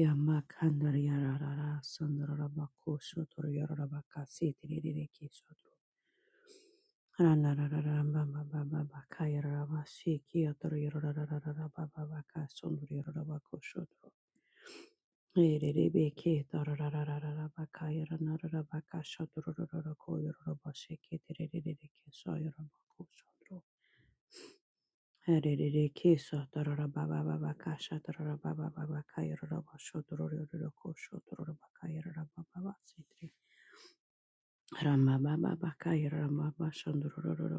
Yamakandar yararara sandararabaku shotor yararabaka sitirereke shotor. Ranarararababababaka yararaba shiki yator yararararabababaka sondur yararabaku shotor. Ererebeke tararararabaka yaranarabaka shotorororoko yararaba shiki tirereke so yarabaku shotor. Ramba Baba Bakaya Ramba Bashandro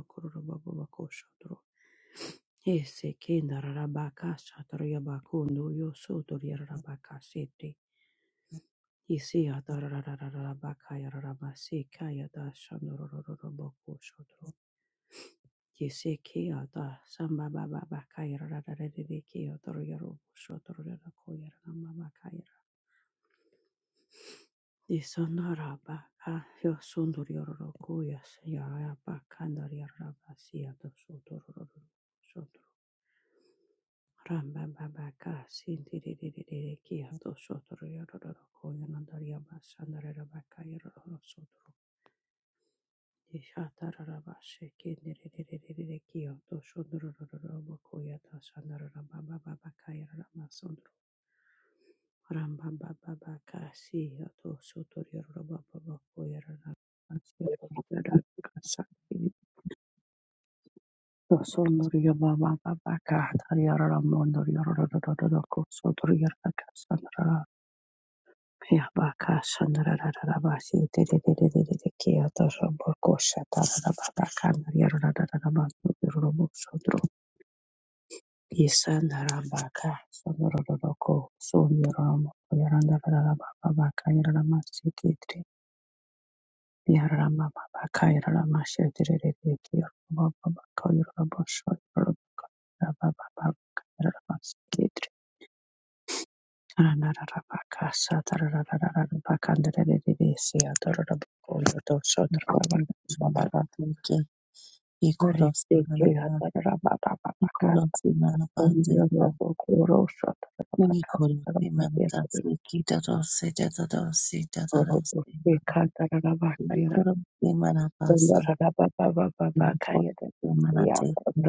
Kuru Baba Bakoshatro. Ese kenda rabaka shatara yabakundo yo soto yarabaka Isi atararararabaka yarabase kaya da shandorororoboko Yese kiyata samba baba bakayra rararere kiyotoro yoro shotoro yoro koyara nama bakayra. Yisonara baka yosundur yoro koyas yara bakandar yara basiya to shotoro yoro shotoro. Ramba baba ka sintirere kiyato shotoro yoro koyanandar yabasandar yoro bakayra yoro shotoro. ko kasaki. Thank Baba yarama Yararama Thank Ikorosi malagateke, ikorosi malaga, ikorosi malagateka, ikorosi malagateke, dadosi, dadadosi, dadadosi, ikorosi malabasa, ikorosi malateke,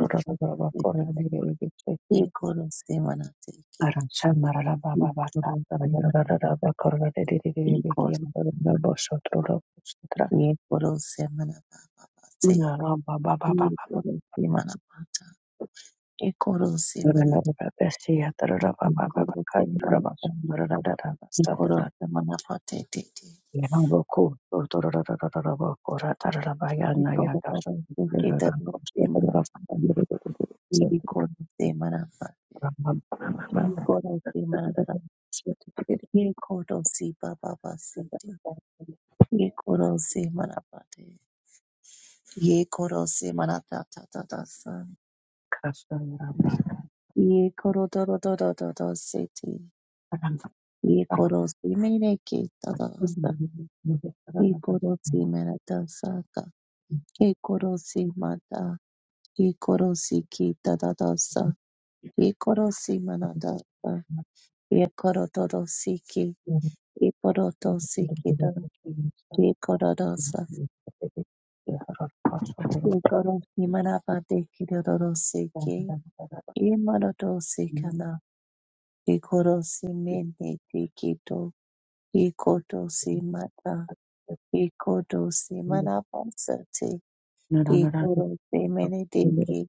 ikorosi, you. ikorosi malateke, Ramba ikorosi malaga, ikorosi malaga, ikorosi malababase, ikorosi malabata, ikorosi malate, ikorosi malabata, Ikoro semana patete. Ikoro koro seketa semana. Ikoro semana pa. Ikoro semana pa. Ikoro si pa pa pa sete. Ikoro semana pate. Ikoro semana ta ta ta ta sa. Ikoro toro toro toro sete. Ikoro semene ke ta ta sa. Ikoro semana ta sa ka. Ikoro semata. Ikoro si ki ta ta ta sa. Ikorosi manadasa. Ikorodorosiki. Thank Iporotosiki da. Ikorodosa. Ikoro. Imanabate kirodorosiki. Imanodosi kana. Ikorosi mene tikito. Ikotosi mata. Ikotosi manabasati. Ikorosi mene tiki.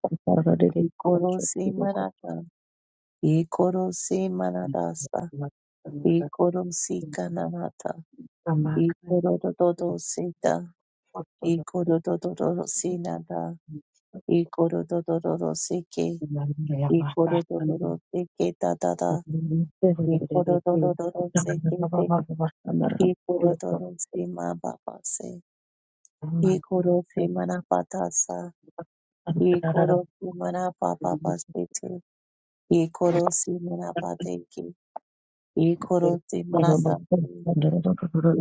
Ikorosi manata. Ikorosi manadasa. Ikorosi you. kananata. Ikorororosita, ikororororosinata, ikororororosike, ikororororosiketa tata, ikororororosikete, ikororororosimababase, ikorosimanapatasa, ikorosimanapapapasete, ikorosimanapateke, ikorosimanatase,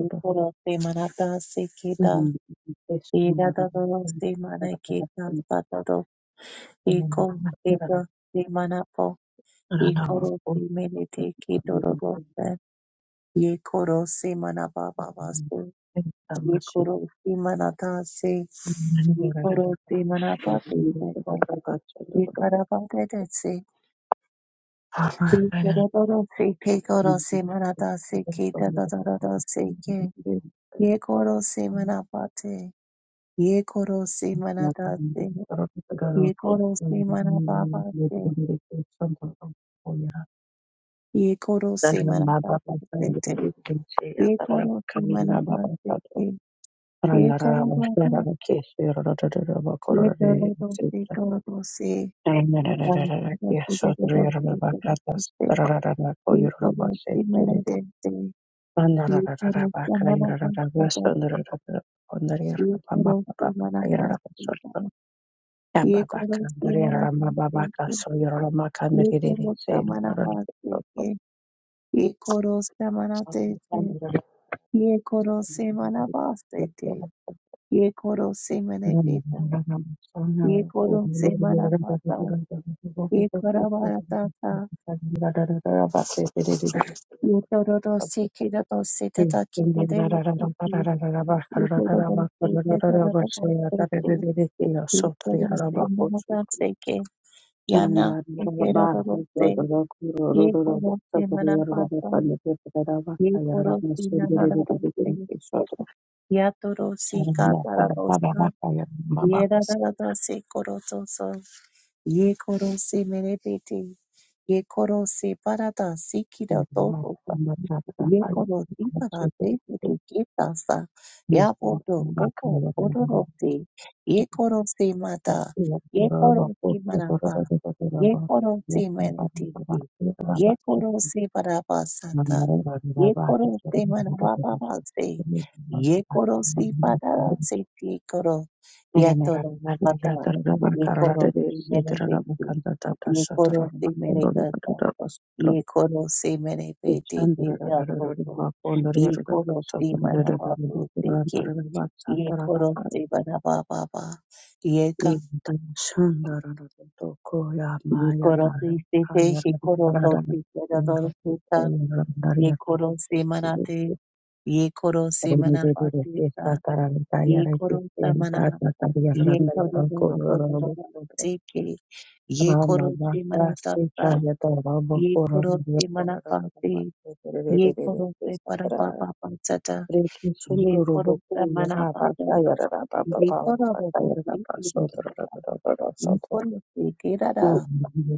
ikorosimanataseketa, iradorosimanaketa Iko ito simanapo. Ikoro simenete kidorobose. Yekoro simanabababase. Yekoro simanatase. Yekoro simanapapese. Yekarabadedese. Yekorodorose. Kekoro simanatase. Kidororose. Ke. Yekoro simanapate. Yekoro simanatase. Yekoro simanapapase. Yekoro Dalam baba besar simanapapase. diri Ye karo se mana baat se ke, ye Thank karo baat, ye karo do se karo do se, ram karo se de de do se karo se se, ye karo se mana de se, ye karo se mana baat se de, ye karo se mana baat se de, you. Thank you. ये koro से मना पाता, ये करा ye था, ये se kira do se तो ta था कि तेरे लिए ki ये toro do se तो ta ra do do se te ye koro se marabata se ke yana ye kira do do se ye koro se marabata ye koro se na na ra do se ya toro si ka ta ra सं sa ye ra so Ye koro se merebete. Ye koro se parada siki da Yes, I'm toro. not that high. I'm sure that it is. Yekorosiparapetirikitasa, Yes, I'm yapoto not oko that high. ororose, yekorose mata, Yes, there are about yekorose four people that marapa, are there. There are about yekorose yes, I'm about to go meritiki, back to the rabbit. yekorose I'm parapasata, not a rabbit. I'm about to yekorose marapapase, yekorose parasepikoro, yatoro pata, yekorose meritiki, go yekorose to meritata the rabbit. ye koro se mere pe te Ramba pe ja soto ye koro se mana ba to se ke ye koro se bana ba ba ba ye ka ye koro se se te he koro to se te da do se ta ye koro se mana te ye koro se mana ba te ta ye koro sa mana ye koro do do do do do do se ke ye koro se mana ta ta ye koro se mana pa te ye koro se para pa pa pa ta ta Reki Ye sondororo koro boku sa yara mana baka baba. yara ra ba ba Ye ba ra koro baka baba. yara ra Ye ba koro sondoro ra ra ra ra Ye sondoro. koro se kera da. Na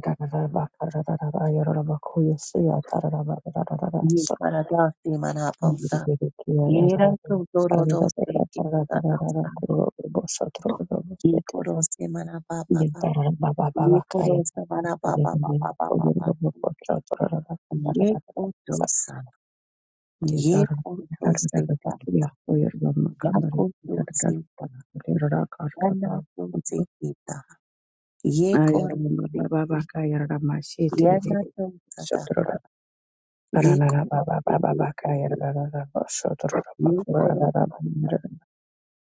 yara ra ra baka ra ra ra ra yara ra baku yasi yata ra ra ra ra ra ra ra Ye kara sondoro. da se mana Yiri baba. yiri ki yara Ye ra ra ra ra to ra doro ra do ra se ra ra ra kera ra ra da ra ra sa. kuro bo sondoro ra ra bo Ye sete. koro se mana baba ba. Yata ra ra ba ba ba Ye baka koro yara sa mana ra ra ra baba ra ba ba ra ra ra ba ba ba. ra ra ra ra ra Ye ra ra koro ra. sa. Ye Yetaran koro se darada da boturi da. hoyer gamma Ya kandari koro darada se da. rara Ya karta tara na potro Ye ayara koro mama se. baba baba ka yara mashi Ya tiri tiri sotro Ye arana na koro baba se baba te te baka te. yara rara sotro Ye pakura koro rara sa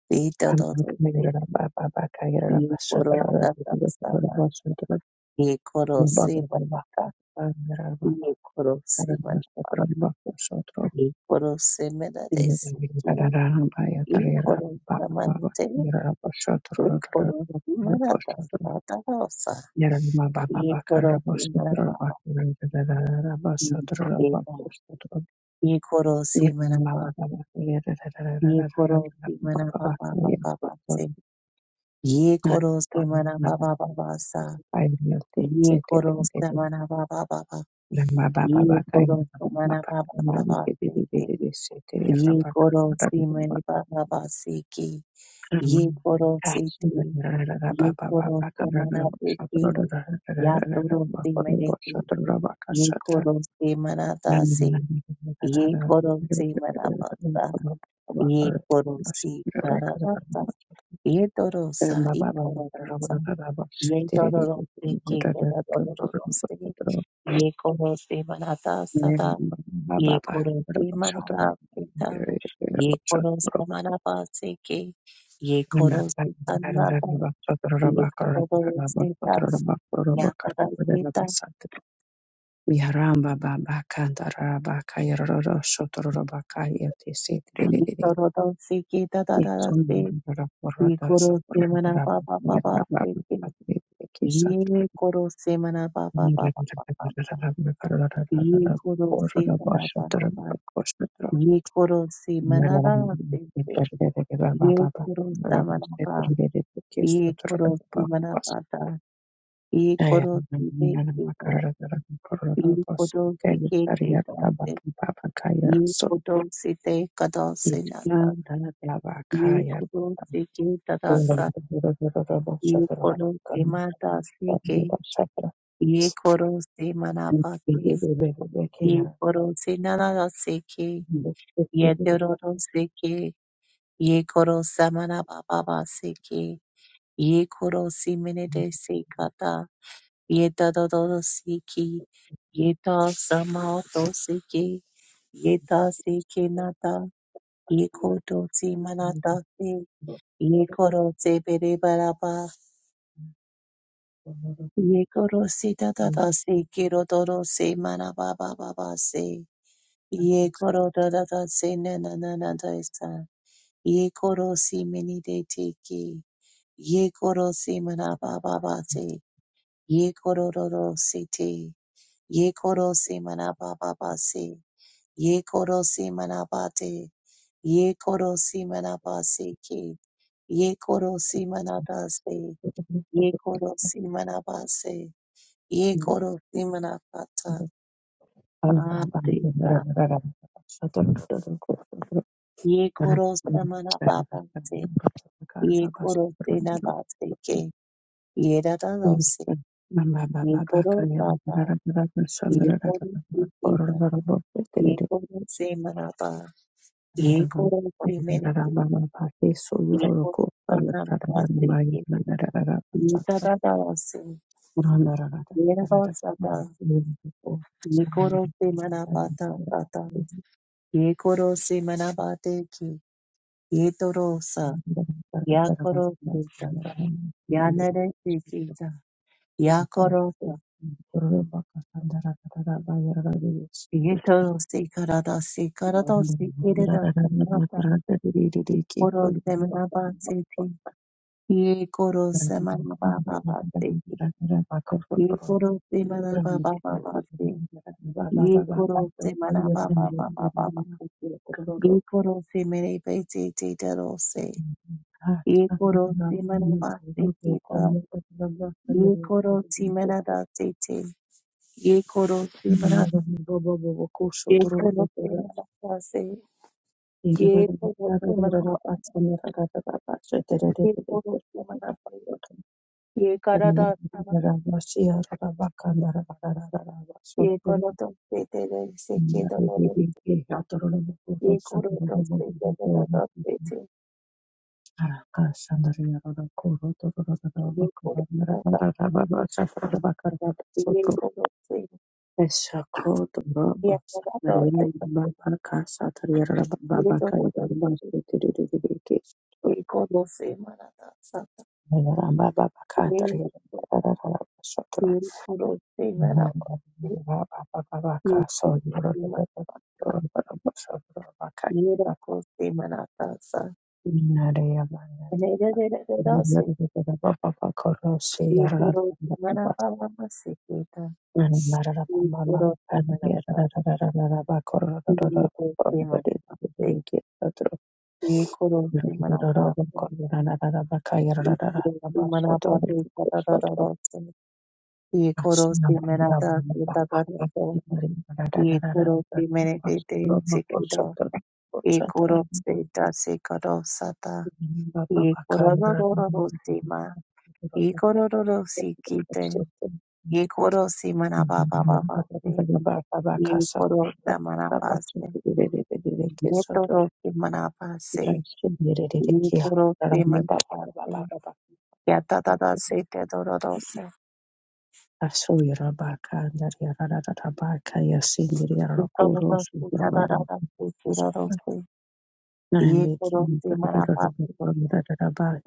te do do amma do kana se yara te. baba baka yara Ye koro sotro sa tam sotro sama. sotro Ye koro baba se baba banata. yara baba Ye koro se banata. sotro Ye koro se mera de Thank se te. Ye koro sa mante. Ye koro se mera ta sa ta ta sa. Ye koro se mera ba. Ye ta. Ye koro se mera ba. Ye koro se mera ba ba ba ba ba se. Ye koro se mera ba ba ba ba sa. Ye koro samana baba baba. Ye koro samana baba baba siti. Ye koro you. simani baba baba siki. Ye Um, koro gosh, siti. Ye koro samana siki. Ya toro simani ki. Ye koro samana dasi. Ye koro simana baba. Ye koro si para baba. Ye toro sa. Ye koro sa. Ye toro siki. Ye toro Ye korose manata sada. Ye Baba korose manava pita. Ye korose manava se ke. Ye Nanda korose tanata. Ye kodo se ke ta. Ya ta ta ke ta. Miharamba baba kandaraba kairoro shotoraba kaya tisi tridididi. Kilo do se ke ta ta ta Itsun se. yurara Ye porada korose shotoraba manava ba ba ba ba yaba se ke. kisa. Ye korose manava ba ba ba ba ba. Porada Ye kodo se manava ba. shotoraba koshatra. Ye korose Miharamba manava se ke. baba Ye baba korose baba manava. tridididi kisa ye korosi toraba. manapata, ye Thank korosi te kita, ye korosi ke te tate, ye korosi te kadose nata, ye korosi ke tadasa, ye korosi mata sike, ye korosi manapate, ye korosi nanara sike, ye teroro sike, ye korosa manapapa sike, ye korosi minete sikata, Yeta dodo siki. Yeta samato siki. Yeta siki nata. Yeko dosi manata si. Yeko rose bere baraba. Yeko rosi tata da siki rodoro se manaba baba ba se. Yeko rodo da da se na na na na da isa. Yeko rosi mini de tiki. Yeko rosi manaba baba se. Yeko rodoro se te. Yeko rosi manaba baba se. Ye korosi manabate. Ye korosi manabaseke. Ye korosi manabase. you. Ye korosi manabase. Ye korosi manabata. Atita. Ye korosi manababase. Ye korosi nabaseke. Ye Thank dadalose. Ye korosata. Ye korosi kita. Ye korosi manaba. Ye korosi menete. Ye korosi manabaseke. Nitada dawasi, yerabo sata, nikoro se manabata sata, yekoro se manabate ki, yetoro sa, yakoro sita, yanere se kita, yakoro ta, you. yetoro se karada se Thank karada se kireda samata, koro se manabate ki, yekoro se manababa se ki, yekoro se manababa se, yekoro se manababa Yekorosi merebeti tederosi. Yekorosi merabasi kiba. Yekorosi meradasi te. Yekorosi merab. Yekorosi you. merabasi. Yekorosi merabasi. Yekorosi merabasi. Baba Yekaradasana. Yekorodosi tederosi kedoro. Yekorodosi tederosi te. Yekorodosi. Yekorosi. Yekorodosi. Yekorodosi. Ikorose marata sata ikorose Thank marapa ikorose marapa ikorose marata sa nerererera se ikorose marapa mama se kita ikorose marapa ikorose marapa se ikorose marata ikorose marapa te sata tata you. rose ikorose marata kita tata so ikorose merete te Ikoro seta sekoro sata. Ikororororo sima. Ikorororo sikite. Ikoro simana baba baba se. Ikoro samana pase. Yetoro simana pase. Ikoro simana pase. Yata tata sete dororo se. Asuyira bakandari yarara bakaya sindiri yarara kuru Ikororo sindiri sikadara baba se kiroro se. Ikoro Rembeki simana pase.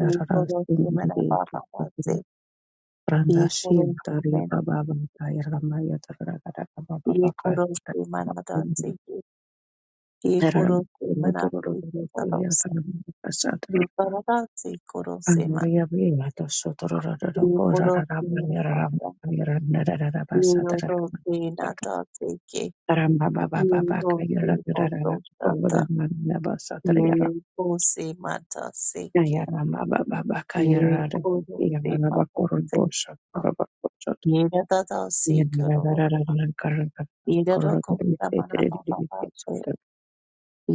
Ikoro simana baba pase. Randashil Baba Ye Baba koroshi manadatsi. Ye koroshi manakui tadarosa. Ye Kasatra paradatsi koroshi man. Andoria Vata Sotorada Ye koroshi manabata. Ye rodoshi nadatsi ke. Ye rodoshi odoshata. Ye kosi matasi ke. Yarama Baba Baka Ye Yarada koroshi Yamanaba Koron madatsi. Bosha Koraba Kochot Ye dadatsi kororo. Yanavara Karaka Ye Korod dadoko samanabata.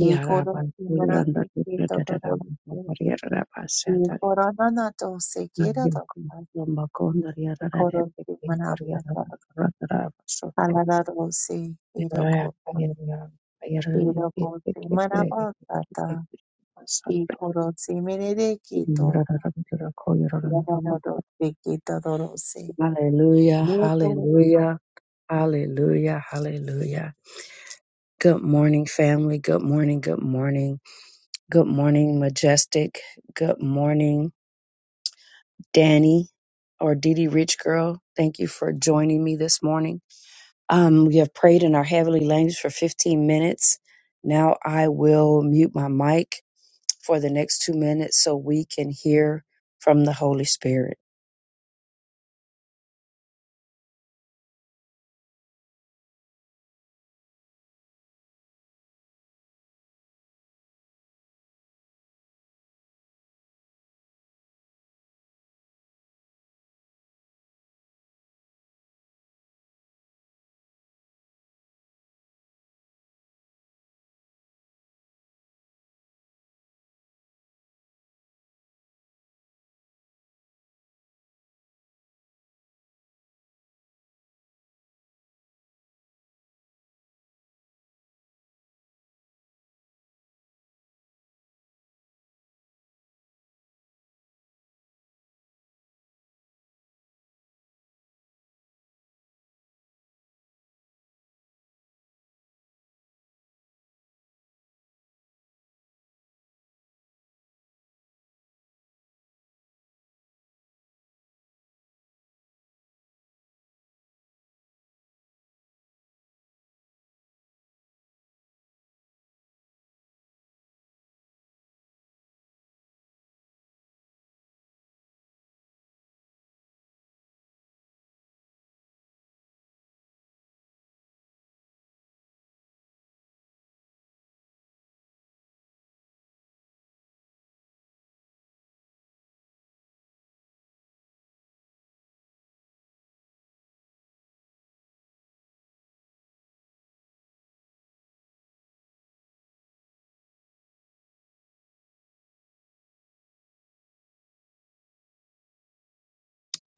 Ye Yaraba koroshi Yaranda manatsi ke Radaraba tadarosa. Maria Raba y Satari coronado se quiere adoptar Yamakonda y Yarada coro de Yara manapata Radaraba Soto alado se quiero Yaraya con Yarada quiero con manapata y Satra coro se me de quito Yarada y Koyaran alado se quita dorose Hallelujah, y coro hallelujah, hallelujah, hallelujah. Good morning, family. Good morning, good morning. Good morning, Majestic. Good morning, Danny or Didi Rich Girl. Thank you for joining me this morning. Um, we have prayed in our heavenly language for 15 minutes. Now I will mute my mic for the next two minutes so we can hear from the Holy Spirit.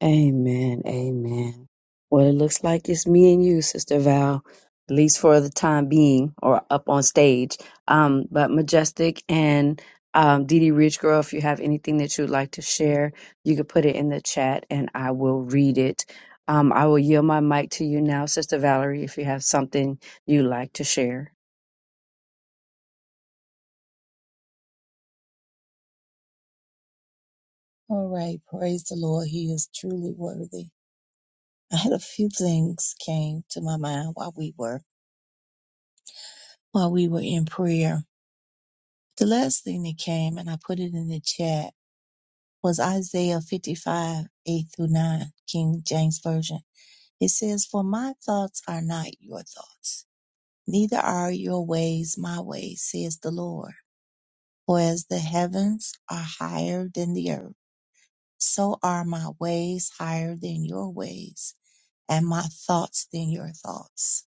Amen. Amen. Well, it looks like it's me and you, Sister Val, at least for the time being, or up on stage. Um, but Majestic and um, Dee Dee Rich Girl, if you have anything that you'd like to share, you could put it in the chat and I will read it. Um, I will yield my mic to you now, Sister Valerie, if you have something you'd like to share. all right, praise the Lord. He is truly worthy. I had a few things came to my mind while we were while we were in prayer. The last thing that came, and I put it in the chat, was Isaiah 55, 8 through 9, King James Version. It says, For my thoughts are not your thoughts, neither are your ways my ways, says the Lord. For as the heavens are higher than the earth, so are my ways higher than your ways, and my thoughts than your thoughts.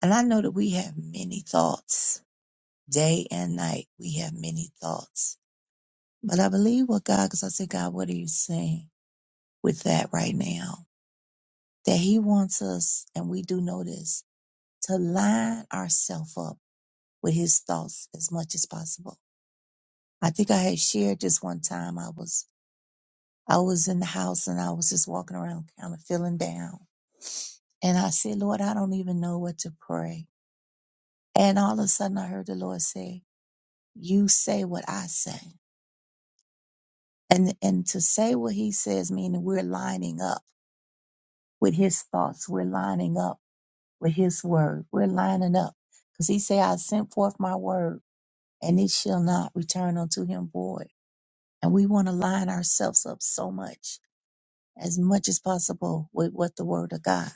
And I know that we have many thoughts. Day and night, we have many thoughts. But I believe what God, because I said, God, what are you saying with that right now? that he wants us, and we do know this, to line ourselves up with his thoughts as much as possible. I think I had shared this one time. I was I was in the house and I was just walking around kind of feeling down. And I said, Lord, I don't even know what to pray. And all of a sudden I heard the Lord say, You say what I say. And and to say what he says, meaning we're lining up with his thoughts. We're lining up with his word. We're lining up. Because he said, I sent forth my word and it shall not return unto him void. And we want to line ourselves up so much, as much as possible, with what the word of God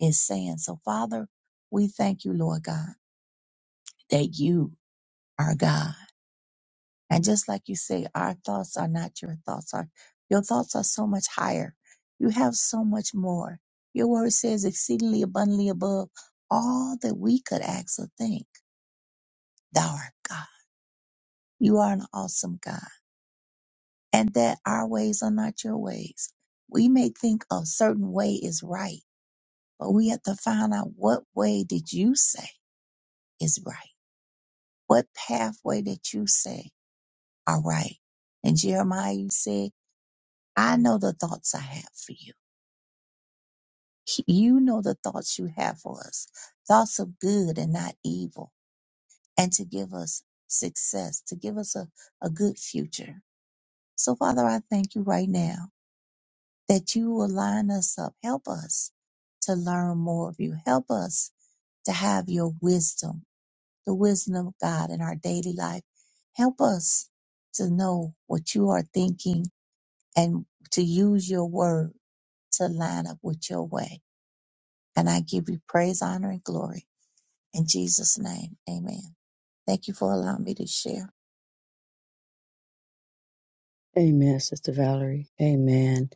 is saying. So, Father, we thank you, Lord God, that you are God. And just like you say, our thoughts are not your thoughts. Our, your thoughts are so much higher. You have so much more. Your word says exceedingly abundantly above all that we could ask or think. Thou art God. You are an awesome God. and that our ways are not your ways. We may think a certain way is right, but we have to find out what way did you say is right? What pathway that you say are right? And Jeremiah, you said, I know the thoughts I have for you. You know the thoughts you have for us, thoughts of good and not evil, and to give us success, to give us a, a good future. So Father, I thank you right now that you will line us up. Help us to learn more of you. Help us to have your wisdom, the wisdom of God in our daily life. Help us to know what you are thinking and to use your word to line up with your way. And I give you praise, honor, and glory. In Jesus' name, amen. Thank you for allowing me to share. Amen, Sister Valerie. Amen.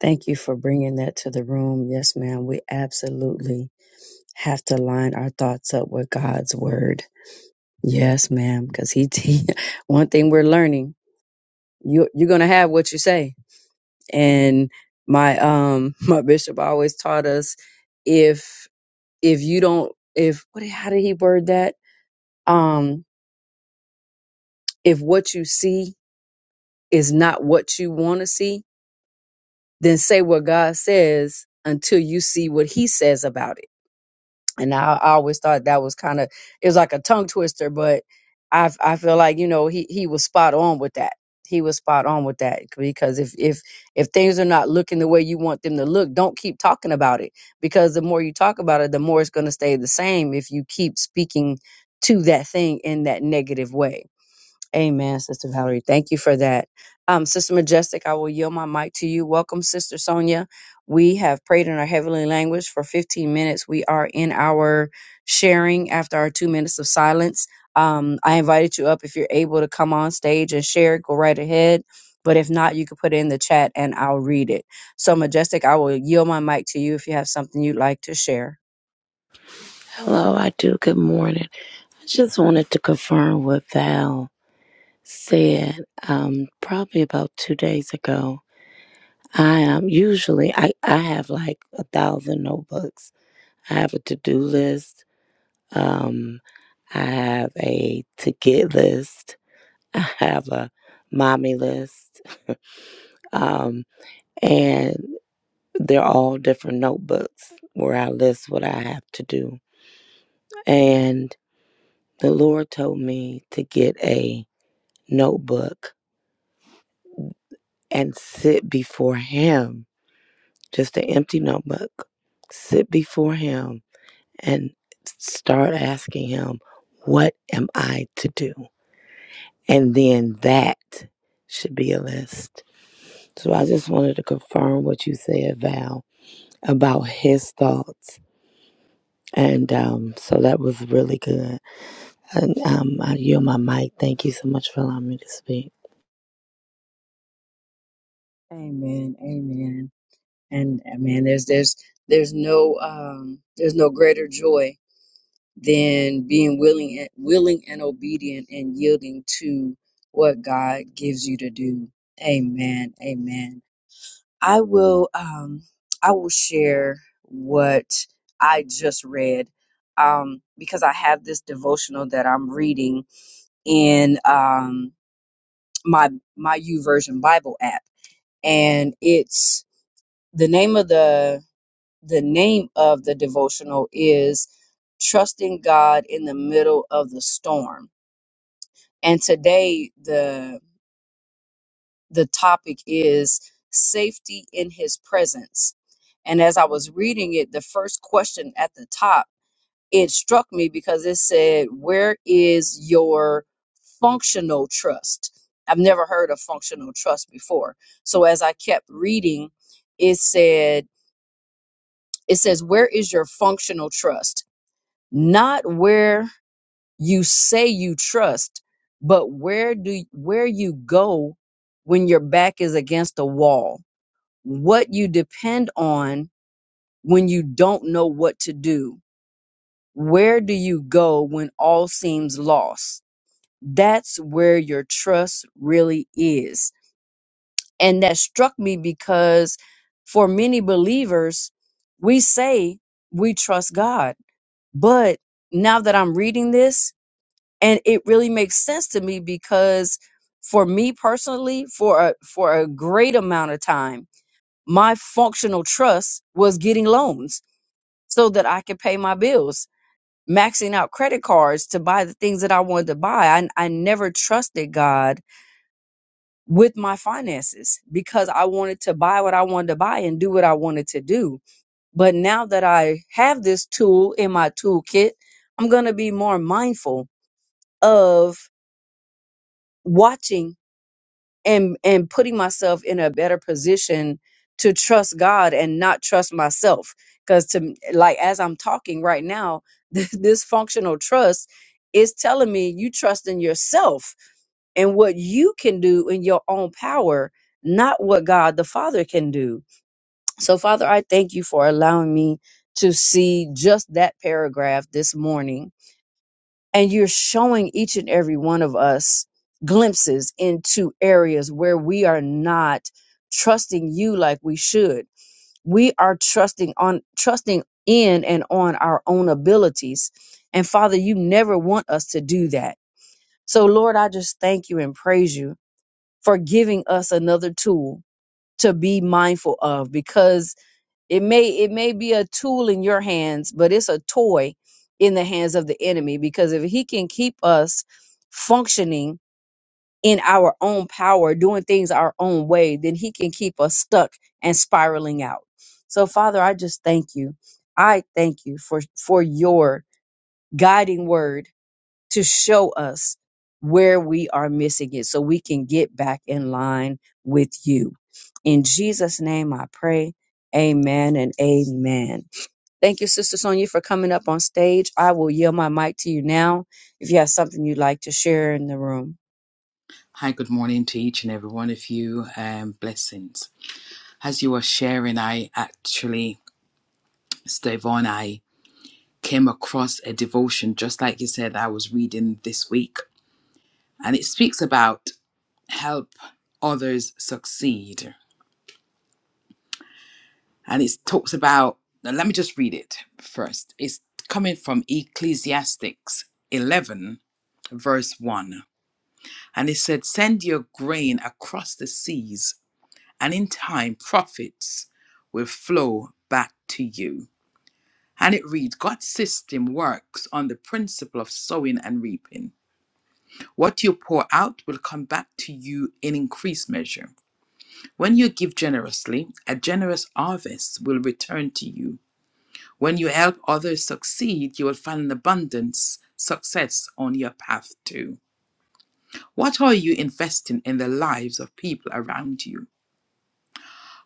Thank you for bringing that to the room. Yes, ma'am. We absolutely have to line our thoughts up with God's word. Yes, ma'am, because he, he one thing we're learning, you you're gonna have what you say. And my um my bishop always taught us if if you don't if what how did he word that? Um if what you see is not what you want to see, then say what God says until you see what he says about it and I, I always thought that was kind of it was like a tongue twister, but I f- I feel like you know he he was spot on with that. He was spot on with that because if if if things are not looking the way you want them to look, don't keep talking about it because the more you talk about it, the more it's going to stay the same if you keep speaking to that thing in that negative way Amen, Sister Valerie. Thank you for that. Um, Sister Majestic, I will yield my mic to you. Welcome, Sister Sonia. We have prayed in our heavenly language for 15 minutes. We are in our sharing after our two minutes of silence. Um, I invited you up. If you're able to come on stage and share, go right ahead. But if not, you can put it in the chat and I'll read it. So, Majestic, I will yield my mic to you if you have something you'd like to share. Hello, I do. Good morning. I just wanted to confirm what Val said um, probably about two days ago. I um, usually I, I have like a thousand notebooks. I have a to do list. Um, I have a to get list. I have a mommy list, um, and they're all different notebooks where I list what I have to do. And the Lord told me to get a notebook and sit before Him, just an empty notebook. Sit before Him and start asking Him, What am I to do? And then that should be a list. So I just wanted to confirm what you said, Val, about His thoughts. And um, so that was really good. And um, I yield my mic. Thank you so much for allowing me to speak. Amen. Amen. and uh, man there's there's there's no um there's no greater joy than being willing and willing and obedient and yielding to what god gives you to do amen amen i will um i will share what i just read um because i have this devotional that i'm reading in um my my u version bible app and it's the name of the the name of the devotional is trusting God in the middle of the storm. And today the the topic is safety in his presence. And as I was reading it, the first question at the top, it struck me because it said, "Where is your functional trust?" I've never heard of functional trust before. So as I kept reading, it said it says, "Where is your functional trust?" not where you say you trust, but where do where you go when your back is against a wall, what you depend on when you don't know what to do. Where do you go when all seems lost? That's where your trust really is. And that struck me because for many believers, we say we trust God. But now that I'm reading this, and it really makes sense to me because for me personally for a for a great amount of time my functional trust was getting loans so that i could pay my bills maxing out credit cards to buy the things that i wanted to buy i, I never trusted god with my finances because i wanted to buy what i wanted to buy and do what i wanted to do but now that i have this tool in my toolkit i'm going to be more mindful of watching and and putting myself in a better position to trust God and not trust myself because to like as I'm talking right now this, this functional trust is telling me you trust in yourself and what you can do in your own power not what God the Father can do so Father I thank you for allowing me to see just that paragraph this morning and you're showing each and every one of us glimpses into areas where we are not trusting you like we should we are trusting on trusting in and on our own abilities and father you never want us to do that so lord i just thank you and praise you for giving us another tool to be mindful of because it may it may be a tool in your hands, but it's a toy in the hands of the enemy because if he can keep us functioning in our own power, doing things our own way, then he can keep us stuck and spiraling out. So Father, I just thank you. I thank you for for your guiding word to show us where we are missing it so we can get back in line with you. In Jesus name I pray. Amen and amen. Thank you, Sister Sonia, for coming up on stage. I will yield my mic to you now if you have something you'd like to share in the room. Hi, good morning to each and every one of you, and blessings. As you were sharing, I actually, Stevon, I came across a devotion, just like you said, I was reading this week, and it speaks about help others succeed. And it talks about, now let me just read it first. It's coming from Ecclesiastics 11, verse 1. And it said, Send your grain across the seas and in time profits will flow back to you. And it reads God's system works on the principle of sowing and reaping. What you pour out will come back to you in increased measure. When you give generously, a generous harvest will return to you. When you help others succeed, you will find an abundance, success on your path too. What are you investing in the lives of people around you?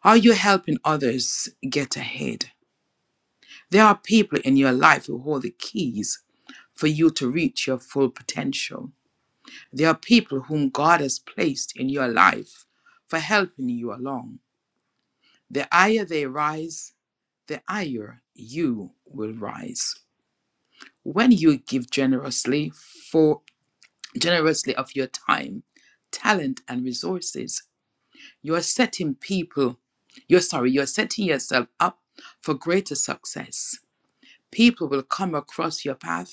Are you helping others get ahead? There are people in your life who hold the keys for you to reach your full potential. There are people whom God has placed in your life for helping you along. The higher they rise, the higher you will rise. When you give generously for generously of your time, talent and resources, you are setting people, you're sorry, you're setting yourself up for greater success. People will come across your path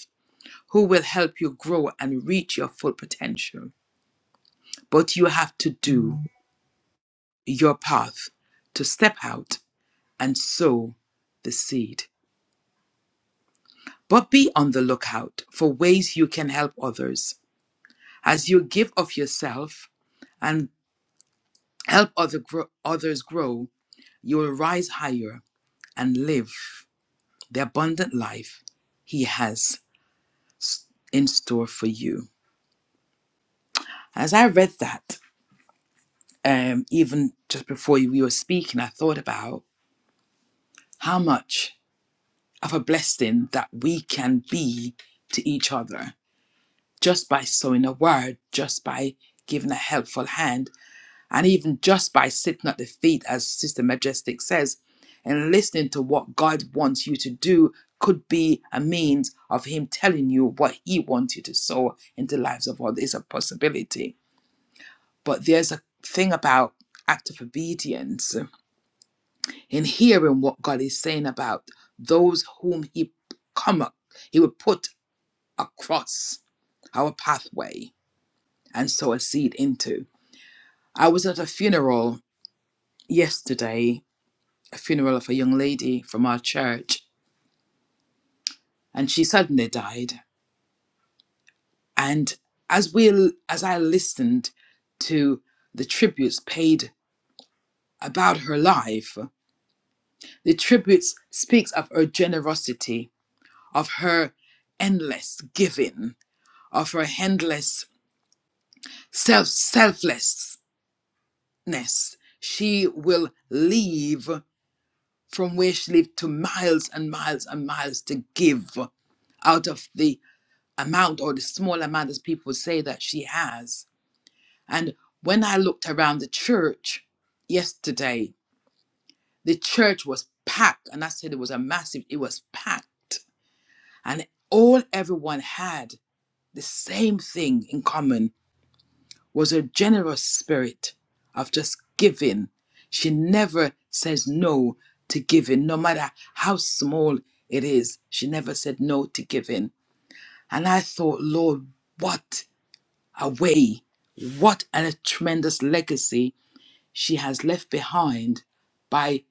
who will help you grow and reach your full potential. But you have to do your path to step out and sow the seed. But be on the lookout for ways you can help others. As you give of yourself and help other grow, others grow, you will rise higher and live the abundant life He has s- in store for you. As I read that, um, even just before you- we were speaking, I thought about how much of a blessing that we can be to each other just by sowing a word, just by giving a helpful hand, and even just by sitting at the feet, as Sister Majestic says, and listening to what God wants you to do could be a means of Him telling you what He wants you to sow into the lives of others. It's a possibility. But there's a thing about act of obedience In hearing what God is saying about those whom He come, ac- He would put across our pathway and sow a seed into. I was at a funeral yesterday, a funeral of a young lady from our church, and she suddenly died. And as we, as I listened to the tributes paid about her life, the tributes speaks of her generosity, of her endless giving of her handless self selflessness, she will leave from where she lived to miles and miles and miles to give out of the amount or the small amount as people say that she has. And when I looked around the church yesterday, the church was packed, and I said it was a massive, it was packed. And all everyone had the same thing in common was a generous spirit of just giving. She never says no to giving, no matter how small it is. She never said no to giving. And I thought, Lord, what a way, what a tremendous legacy she has left behind by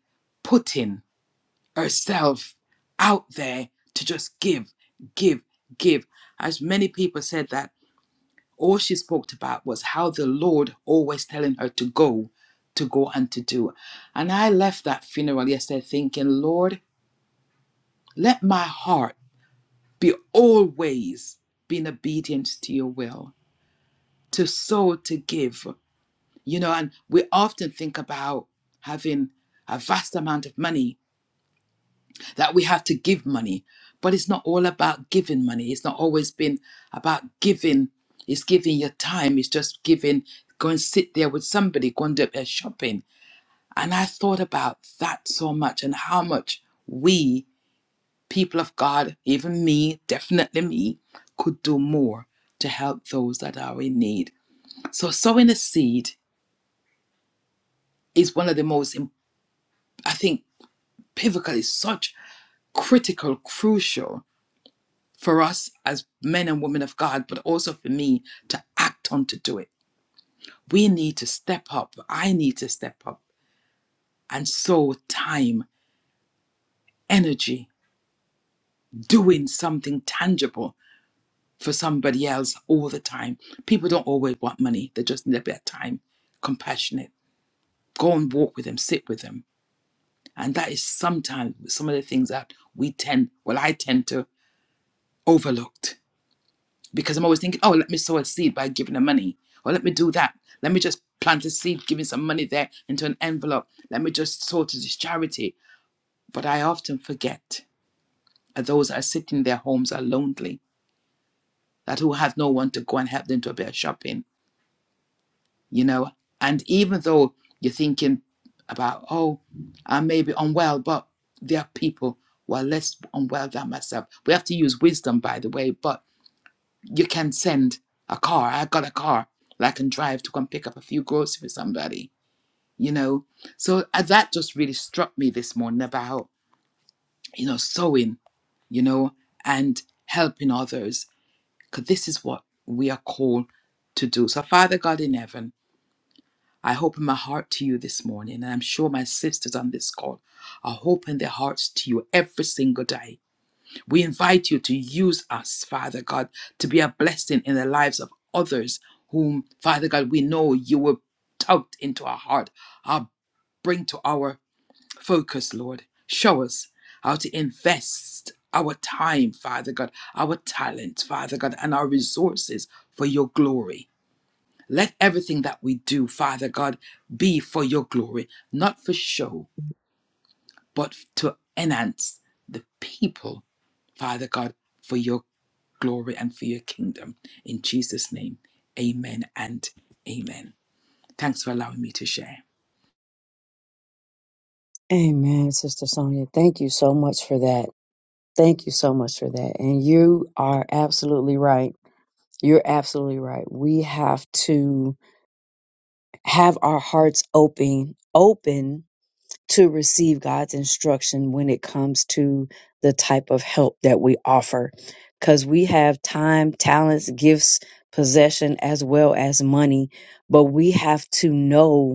putting herself out there to just give, give, give. As many people said that all she spoke about was how the Lord always telling her to go, to go and to do. And I left that funeral yesterday thinking, Lord, let my heart be always being obedient to your will, to sow, to give. You know, and we often think about having a vast amount of money that we have to give money. But it's not all about giving money. It's not always been about giving. It's giving your time. It's just giving. Go and sit there with somebody. Go and do their shopping. And I thought about that so much and how much we, people of God, even me, definitely me, could do more to help those that are in need. So sowing a seed is one of the most, im- I think, pivotal. is such critical, crucial for us as men and women of God, but also for me to act on to do it. We need to step up. I need to step up and so time, energy, doing something tangible for somebody else all the time. People don't always want money, they just need a bit of time, compassionate. Go and walk with them, sit with them. And that is sometimes some of the things that we tend, well, I tend to overlook because I'm always thinking, oh, let me sow a seed by giving them money, or let me do that. Let me just plant a seed, giving some money there into an envelope. Let me just sow to this charity. But I often forget that those that are sitting in their homes are lonely, that who have no one to go and help them to a bit of shopping, you know. And even though you're thinking about, oh, I may be unwell, but there are people who are less unwell than myself. We have to use wisdom, by the way, but you can send a car. I got a car that I can drive to come pick up a few groceries for somebody, you know. So uh, that just really struck me this morning about, you know, sewing, you know, and helping others, because this is what we are called to do. So, Father God in heaven, I open my heart to you this morning, and I'm sure my sisters on this call are opening their hearts to you every single day we invite you to use us, Father God, to be a blessing in the lives of others whom, Father God, we know you will tout into our heart, uh, bring to our focus, Lord. Show us how to invest our time, Father God, our talent, Father God, and our resources for your glory. Let everything that we do, Father God, be for your glory, not for show, but to enhance the people, Father God, for your glory and for your kingdom. In Jesus' name, amen and amen. Thanks for allowing me to share. Amen, Sister Sonia. Thank you so much for that. Thank you so much for that. And you are absolutely right. You're absolutely right. We have to have our hearts open, open to receive God's instruction when it comes to the type of help that we offer. Because we have time, talents, gifts, possession, as well as money, but we have to know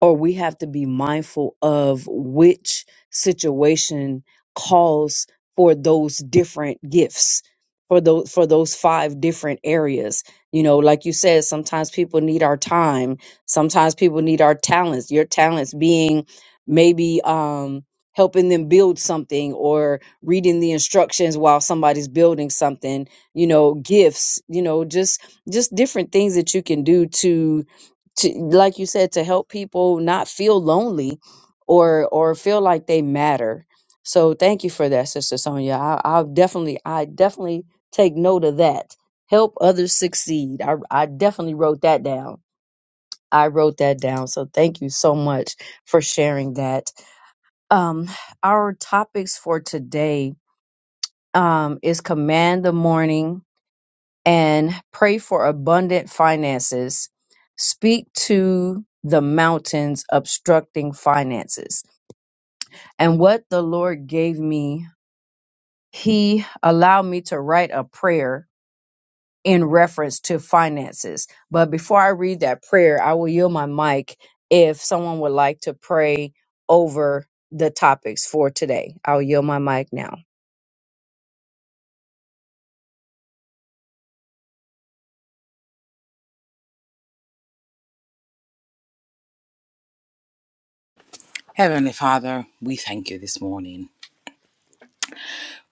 or we have to be mindful of which situation calls for those different gifts for those for those five different areas you know like you said sometimes people need our time sometimes people need our talents your talents being maybe um helping them build something or reading the instructions while somebody's building something you know gifts you know just just different things that you can do to to like you said to help people not feel lonely or or feel like they matter so thank you for that sister sonia I, i'll definitely i definitely take note of that help others succeed I, I definitely wrote that down i wrote that down so thank you so much for sharing that um our topics for today um is command the morning and pray for abundant finances. Speak to the mountains obstructing finances. And what the Lord gave me, He allowed me to write a prayer in reference to finances. But before I read that prayer, I will yield my mic if someone would like to pray over the topics for today. I'll yield my mic now. Heavenly Father, we thank you this morning.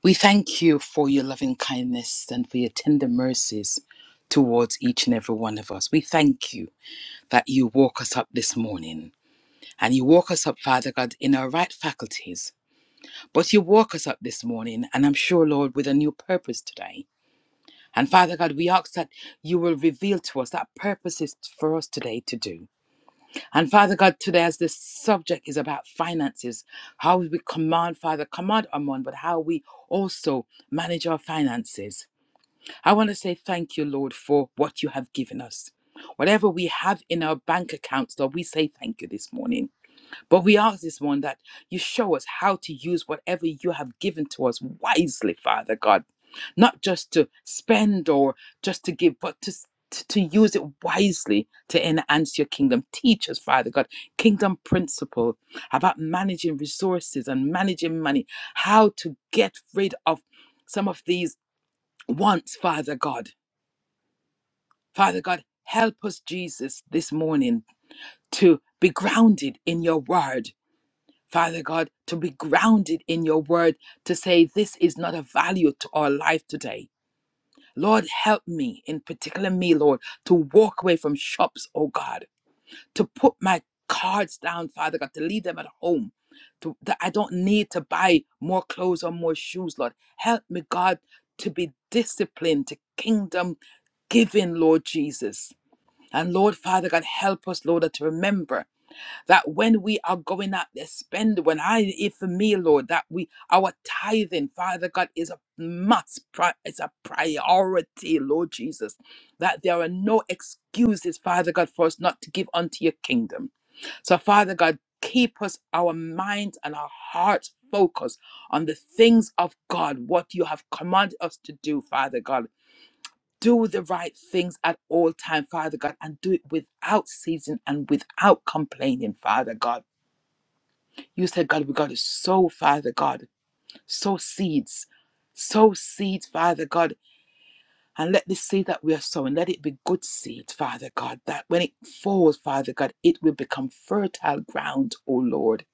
We thank you for your loving kindness and for your tender mercies towards each and every one of us. We thank you that you woke us up this morning and you woke us up, Father God, in our right faculties. But you woke us up this morning, and I'm sure, Lord, with a new purpose today. And Father God, we ask that you will reveal to us that purpose is for us today to do. And Father God, today as this subject is about finances, how we command, Father, command our money, but how we also manage our finances. I want to say thank you, Lord, for what you have given us. Whatever we have in our bank accounts, Lord, we say thank you this morning. But we ask this one that you show us how to use whatever you have given to us wisely, Father God, not just to spend or just to give, but to to to use it wisely to enhance your kingdom. Teach us, Father God, kingdom principle about managing resources and managing money, how to get rid of some of these wants, Father God. Father God, help us, Jesus, this morning to be grounded in your word Father God, to be grounded in your word, to say this is not of value to our life today. Lord, help me, in particular me, Lord, to walk away from shops, oh God, to put my cards down, Father God, to leave them at home, to, that I don't need to buy more clothes or more shoes, Lord. Help me, God, to be disciplined, to kingdom giving, Lord Jesus. And Lord, Father God, help us, Lord, to remember that when we are going out there, spend when I if for me, Lord, that we our tithing, Father God, is a must, pri- it's a priority, Lord Jesus, that there are no excuses, Father God, for us not to give unto your kingdom. So, Father God, keep us our minds and our hearts focused on the things of God, what you have commanded us to do, Father God. Do the right things at all time, Father God, and do it without season and without complaining, Father God. You said, God, we got to sow, Father God, sow seeds, sow seeds, Father God, and let the seed that we are sowing, let it be good seed, Father God, that when it falls, Father God, it will become fertile ground, O Lord.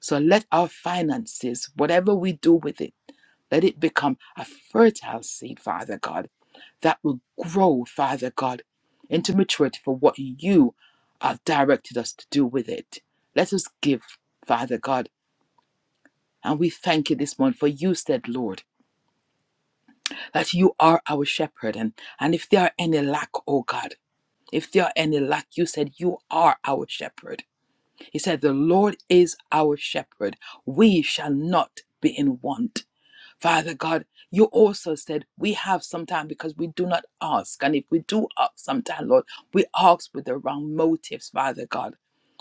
So let our finances, whatever we do with it, let it become a fertile seed, Father God, that will grow, Father God, into maturity for what you have directed us to do with it. Let us give, Father God. And we thank you this morning for you said, Lord, that you are our shepherd. And, and if there are any lack, oh God, if there are any lack, you said, you are our shepherd. He said, the Lord is our shepherd. We shall not be in want. Father God, you also said we have sometimes because we do not ask. And if we do ask sometimes, Lord, we ask with the wrong motives, Father God.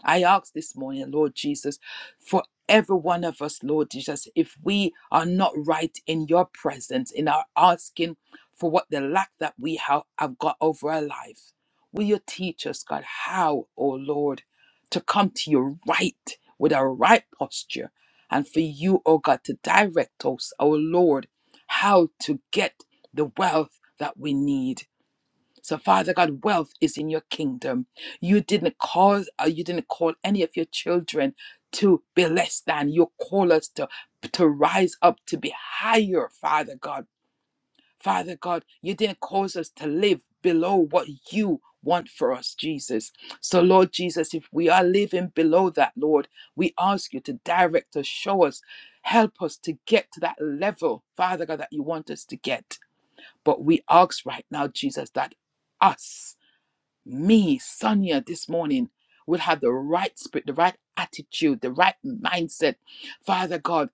I ask this morning, Lord Jesus, for every one of us, Lord Jesus, if we are not right in your presence, in our asking for what the lack that we have, have got over our life, will you teach us, God, how, oh Lord, to come to you right with a right posture and for you, oh God, to direct us, our Lord, how to get the wealth that we need. So, Father God, wealth is in your kingdom. You didn't cause, uh, you didn't call any of your children to be less than. You call us to to rise up, to be higher, Father God. Father God, you didn't cause us to live below what you want for us, Jesus. So, Lord Jesus, if we are living below that, Lord, we ask you to direct us, show us, help us to get to that level, Father God, that you want us to get. But we ask right now, Jesus, that us, me, Sonia, this morning will have the right spirit, the right attitude, the right mindset, Father God,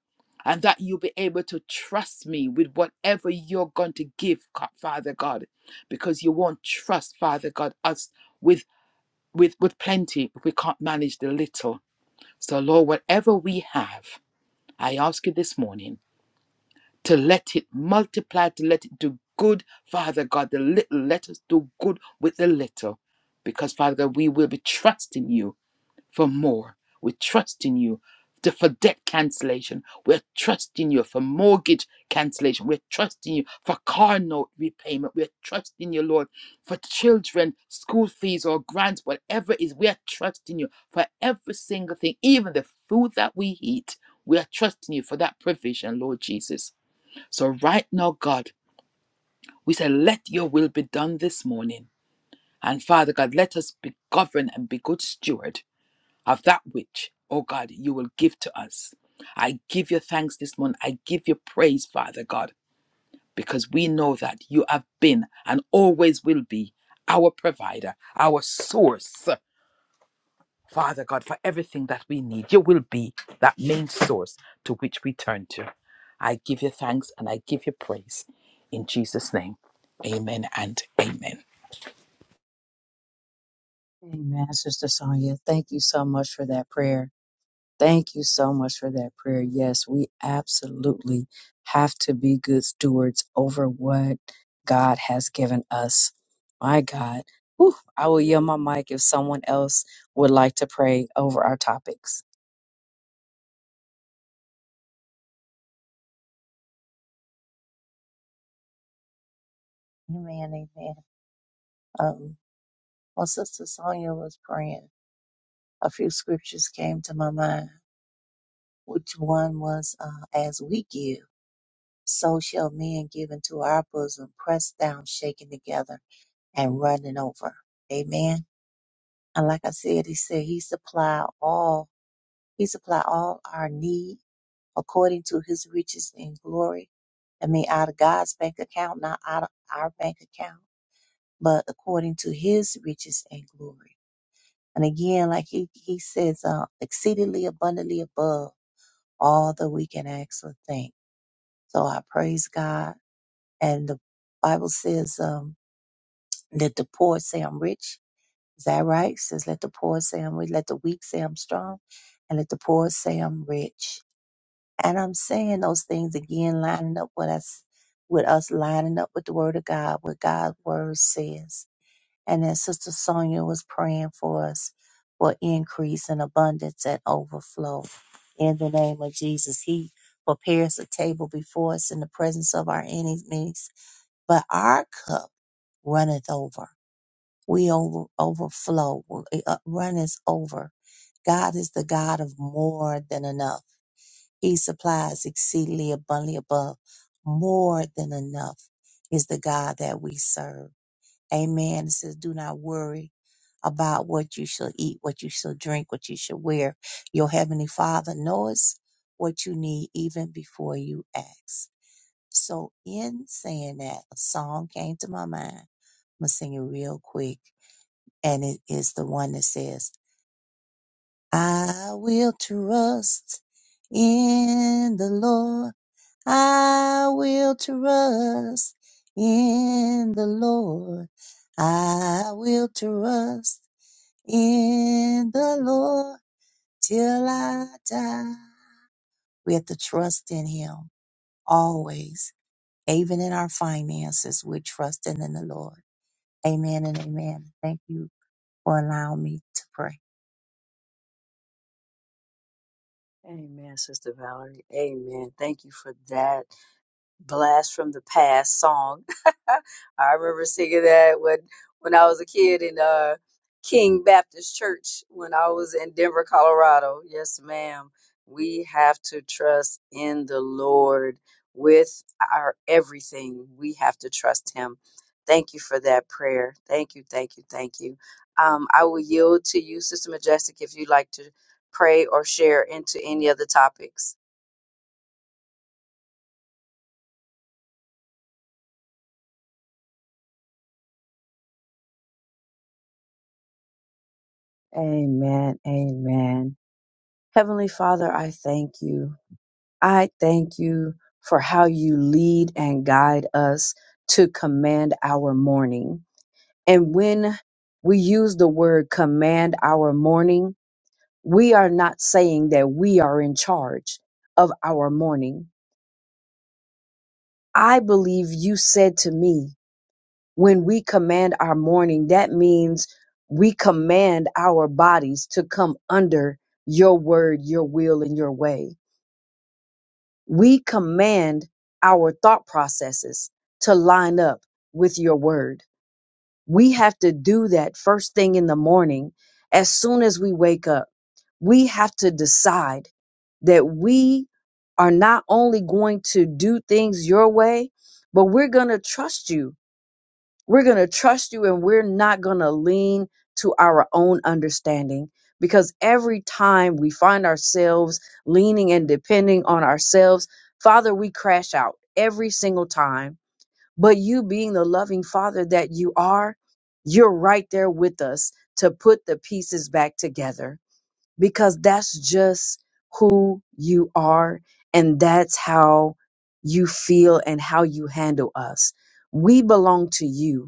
and that you'll be able to trust me with whatever you're going to give, God- Father God, because you won't trust, Father God, us with with with plenty if we can't manage the little. So Lord, whatever we have, I ask you this morning to let it multiply, to let it do good. Father God, the little, let us do good with the little. Because, Father God, we will be trusting you for more. We're trusting you to, for debt cancellation. We're trusting you for mortgage cancellation. We're trusting you for car note repayment. We're trusting you, Lord, for children, school fees or grants, whatever it is. We're trusting you for every single thing, even the food that we eat. We are trusting you for that provision, Lord Jesus. So, right now, God, we say, let your will be done this morning. And Father God, let us be governed and be good steward of that which, oh God, you will give to us. I give you thanks this morning. I give you praise, Father God, because we know that you have been and always will be our provider, our source. Father God, for everything that we need. You will be that main source to which we turn to. I give you thanks and I give you praise in Jesus' name. Amen and amen. Amen, Sister Sonia. Thank you so much for that prayer. Thank you so much for that prayer. Yes, we absolutely have to be good stewards over what God has given us. My God. Whew, I will yield my mic if someone else would like to pray over our topics. Amen, amen. Um, while Sister Sonia was praying, a few scriptures came to my mind. which one was uh, as we give, so shall men give into our bosom, pressed down, shaken together, and running over. Amen. And like I said, he said he supply all, he supply all our need according to his riches and glory. I mean, out of God's bank account, not out of our bank account, but according to his riches and glory. And again, like he, he says, uh, exceedingly abundantly above all that we can ask or think So I praise God. And the Bible says, um, let the poor say I'm rich. Is that right? It says, let the poor say I'm rich. Let the weak say I'm strong. And let the poor say I'm rich. And I'm saying those things again, lining up with us, with us lining up with the word of God, what God's word says. And then Sister Sonia was praying for us for increase and abundance and overflow. In the name of Jesus, He prepares a table before us in the presence of our enemies but our cup runneth over. We over, overflow. It uh, runneth over. God is the God of more than enough. He supplies exceedingly abundantly above. More than enough is the God that we serve. Amen. It says, do not worry about what you shall eat, what you shall drink, what you shall wear. Your heavenly father knows what you need even before you ask. So in saying that, a song came to my mind I'm gonna sing it real quick, and it is the one that says, "I will trust in the Lord. I will trust in the Lord. I will trust in the Lord till I die." We have to trust in Him always, even in our finances. We're trusting in the Lord. Amen and amen. Thank you for allowing me to pray. Amen, Sister Valerie. Amen. Thank you for that. blast from the past song. I remember singing that when when I was a kid in uh King Baptist Church when I was in Denver, Colorado. Yes, ma'am. We have to trust in the Lord with our everything. We have to trust him. Thank you for that prayer. Thank you, thank you, thank you. Um, I will yield to you, Sister Majestic, if you'd like to pray or share into any of the topics. Amen. Amen. Heavenly Father, I thank you. I thank you for how you lead and guide us to command our morning. And when we use the word command our morning, we are not saying that we are in charge of our morning. I believe you said to me, when we command our morning, that means we command our bodies to come under your word, your will, and your way. We command our thought processes to line up with your word. We have to do that first thing in the morning. As soon as we wake up, we have to decide that we are not only going to do things your way, but we're going to trust you we're going to trust you and we're not going to lean to our own understanding because every time we find ourselves leaning and depending on ourselves, Father, we crash out every single time. But you being the loving Father that you are, you're right there with us to put the pieces back together because that's just who you are and that's how you feel and how you handle us. We belong to you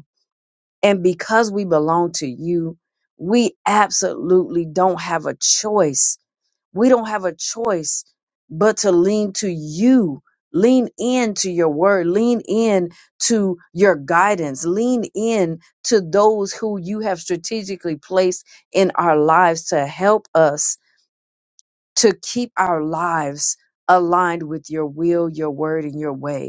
and because we belong to you, we absolutely don't have a choice. We don't have a choice but to lean to you, lean into your word, lean in to your guidance, lean in to those who you have strategically placed in our lives to help us to keep our lives aligned with your will, your word, and your way.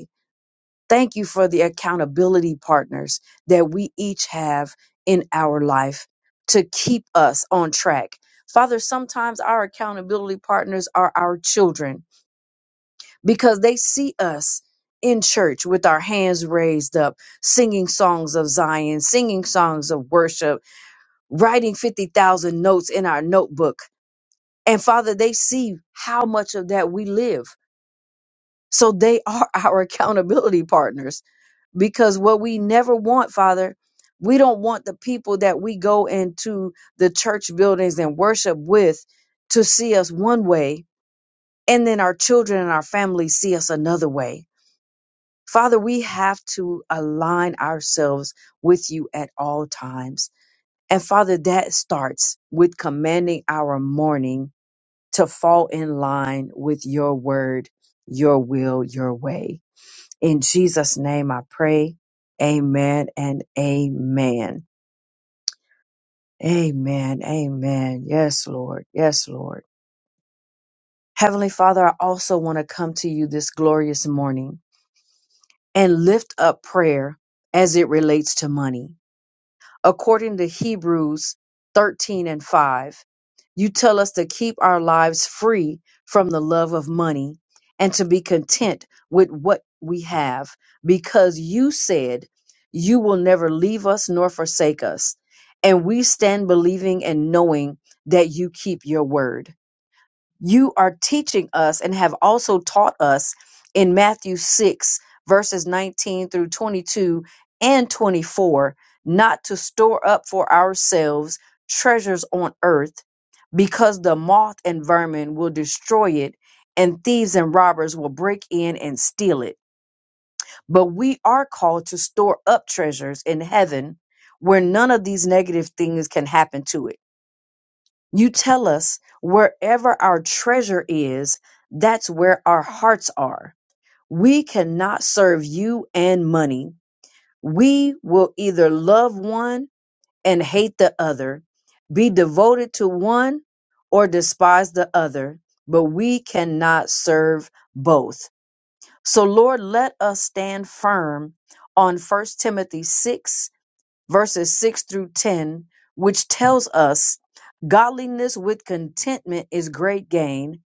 Thank you for the accountability partners that we each have in our life to keep us on track. Father, sometimes our accountability partners are our children because they see us in church with our hands raised up, singing songs of Zion, singing songs of worship, writing 50,000 notes in our notebook. And Father, they see how much of that we live. So they are our accountability partners because what we never want, Father, we don't want the people that we go into the church buildings and worship with to see us one way and then our children and our families see us another way. Father, we have to align ourselves with you at all times. And Father, that starts with commanding our morning to fall in line with your word, your will, your way. In Jesus' name I pray. Amen and amen. Amen. Amen. Yes, Lord. Yes, Lord. Heavenly Father, I also want to come to you this glorious morning and lift up prayer as it relates to money. according to Hebrews 13 and 5. You tell us to keep our lives free from the love of money and to be content with what we have, because you said you will never leave us nor forsake us. And we stand believing and knowing that you keep your word you are teaching us and have also taught us in Matthew 6, verses 19 through 22 and 24, not to store up for ourselves treasures on earth, because the moth and vermin will destroy it, and thieves and robbers will break in and steal it. But we are called to store up treasures in heaven where none of these negative things can happen to it you tell us wherever our treasure is, that's where our hearts are. We cannot serve you and money. We will either love one and hate the other, be devoted to one or despise the other, but we cannot serve both. So, Lord, let us stand firm on First Timothy 6 verses 6 through 10, which tells us godliness with contentment is great gain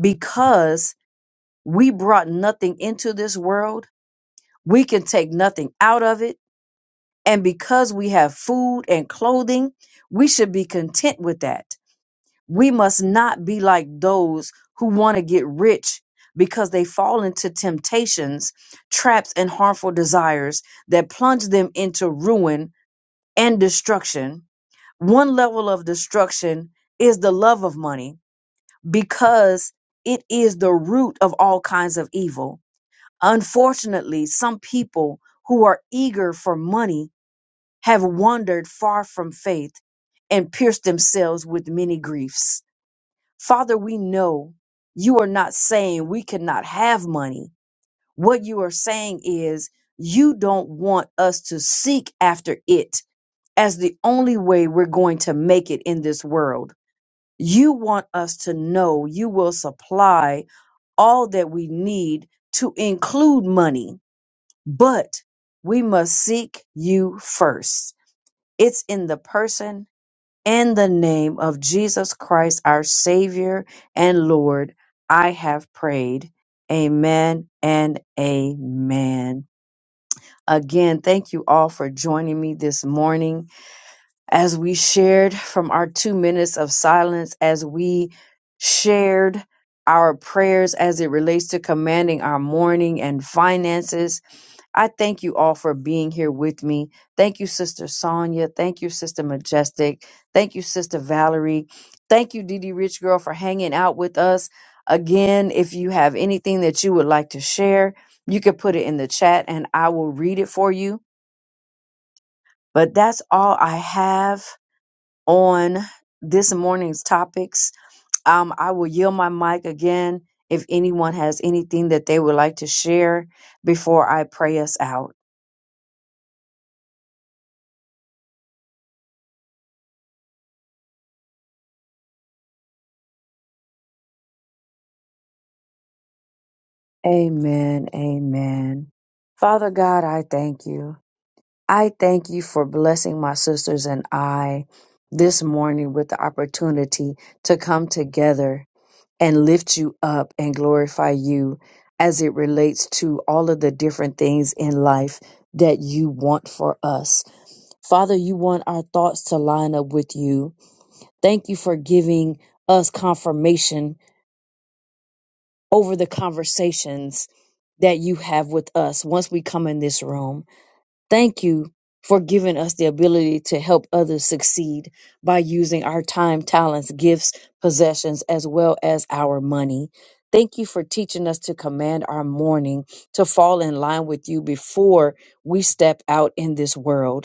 because we brought nothing into this world, we can take nothing out of it, and because we have food and clothing, we should be content with that. We must not be like those who want to get rich because they fall into temptations, traps, and harmful desires that plunge them into ruin and destruction One level of destruction is the love of money because it is the root of all kinds of evil. Unfortunately, some people who are eager for money have wandered far from faith and pierced themselves with many griefs. Father, we know you are not saying we cannot have money. What you are saying is you don't want us to seek after it as the only way we're going to make it in this world you want us to know you will supply all that we need to include money, but we must seek you first. It's in the person and the name of Jesus Christ, our Savior and Lord. I have prayed. Amen and amen. Again, thank you all for joining me this morning as we shared from our two minutes of silence, as we shared our prayers as it relates to commanding our morning and finances. I thank you all for being here with me. Thank you, Sister Sonia. Thank you, Sister Majestic. Thank you, Sister Valerie. Thank you, DD Rich Girl, for hanging out with us. Again, if you have anything that you would like to share, you can put it in the chat and I will read it for you. But that's all I have on this morning's topics. Um, I will yield my mic again if anyone has anything that they would like to share before I pray us out. Amen. Amen. Father God, I thank you. I thank you for blessing my sisters and I this morning with the opportunity to come together and lift you up and glorify you as it relates to all of the different things in life that you want for us. Father, you want our thoughts to line up with you. Thank you for giving us confirmation over the conversations that you have with us once we come in this room. Thank you for giving us the ability to help others succeed by using our time, talents, gifts, possessions, as well as our money. Thank you for teaching us to command our morning to fall in line with you before we step out in this world.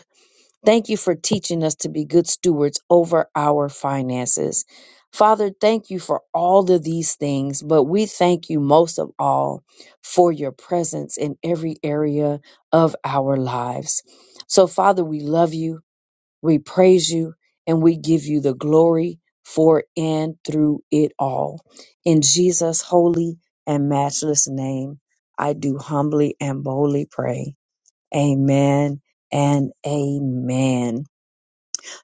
Thank you for teaching us to be good stewards over our finances. Father, thank you for all of these things, but we thank you most of all for your presence in every area of our lives. So, Father, we love you, we praise you, and we give you the glory for and through it all. In Jesus' holy and matchless name, I do humbly and boldly pray. Amen and amen.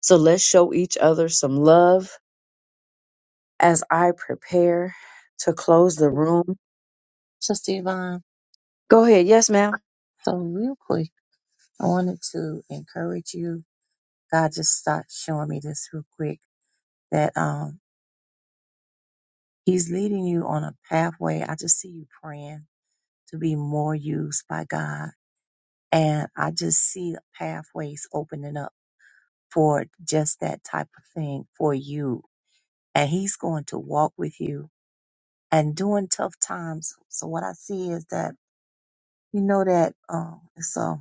So let's show each other some love as I prepare to close the room. So, Stevon, Go ahead. Yes, ma'am. so real quick, I wanted to encourage you. God just started showing me this real quick that um, He's leading you on a pathway. I just see you praying to be more used by God. And I just see the pathways opening up for just that type of thing for you. And He's going to walk with you and during tough times. So, what I see is that, you know, that um, it's, a,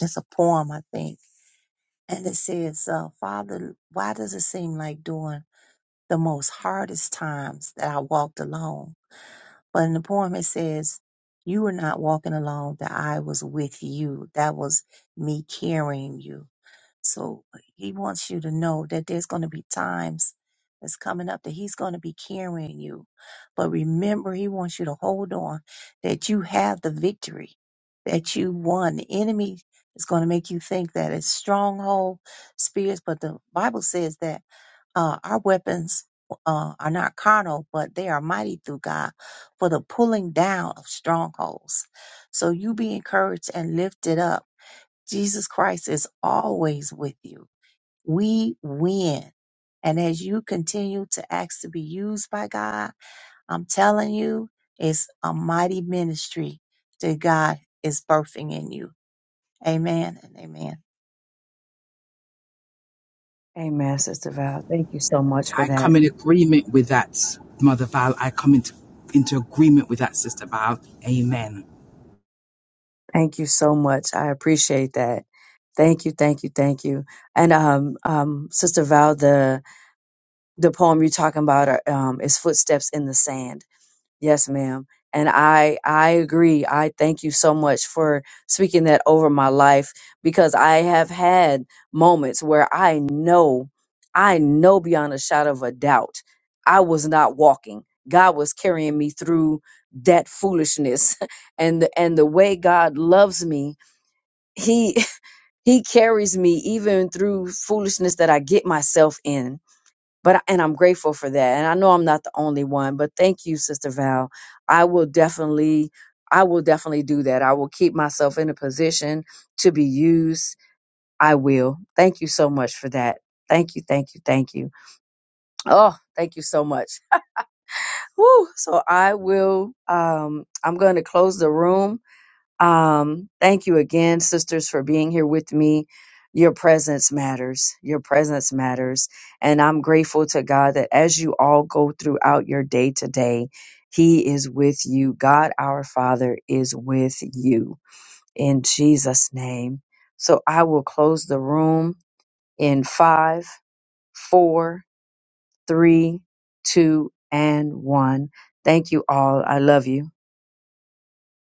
it's a poem, I think And it says, uh, Father, why does it seem like during the most hardest times that I walked alone? But in the poem, it says, You were not walking alone, that I was with you. That was me carrying you. So uh, he wants you to know that there's going to be times that's coming up that he's going to be carrying you. But remember, he wants you to hold on that you have the victory, that you won. The enemy is going to make you think that it's stronghold spirits, but the Bible says that uh, our weapons uh, are not carnal, but they are mighty through God for the pulling down of strongholds. So you be encouraged and lifted up. Jesus Christ is always with you we win. And as you continue to ask to be used by God, I'm telling you, it's a mighty ministry that God is birthing in you. Amen and amen. Amen, Sister Val. Thank you so much for I that. come in agreement with that, Mother Val. I come into, into agreement with that, Sister Val. Amen. Thank you so much. I appreciate that. Thank you, thank you, thank you. And um, um, Sister Val, the the poem you're talking about are, um, is "Footsteps in the Sand." Yes, ma'am. And I I agree. I thank you so much for speaking that over my life because I have had moments where I know I know beyond a shadow of a doubt I was not walking. God was carrying me through that foolishness. And the, and the way God loves me, he he carries me even through foolishness that I get myself in but I- and I'm grateful for that. And I know I'm not the only one, but thank you, Sister Val. I will definitely, I will definitely do that. I will keep myself in a position to be used. I will. Thank you so much for that. Thank you, thank you, thank you. Oh, thank you so much. Woo. So I will. Um, I'm going to close the room. Um, thank you again, sisters, for being here with me. Your presence matters. Your presence matters. And I'm grateful to God that as you all go throughout your day today, He is with you. God, our Father, is with you in Jesus' name. So I will close the room in five, four, three, two, and one. Thank you all. I love you.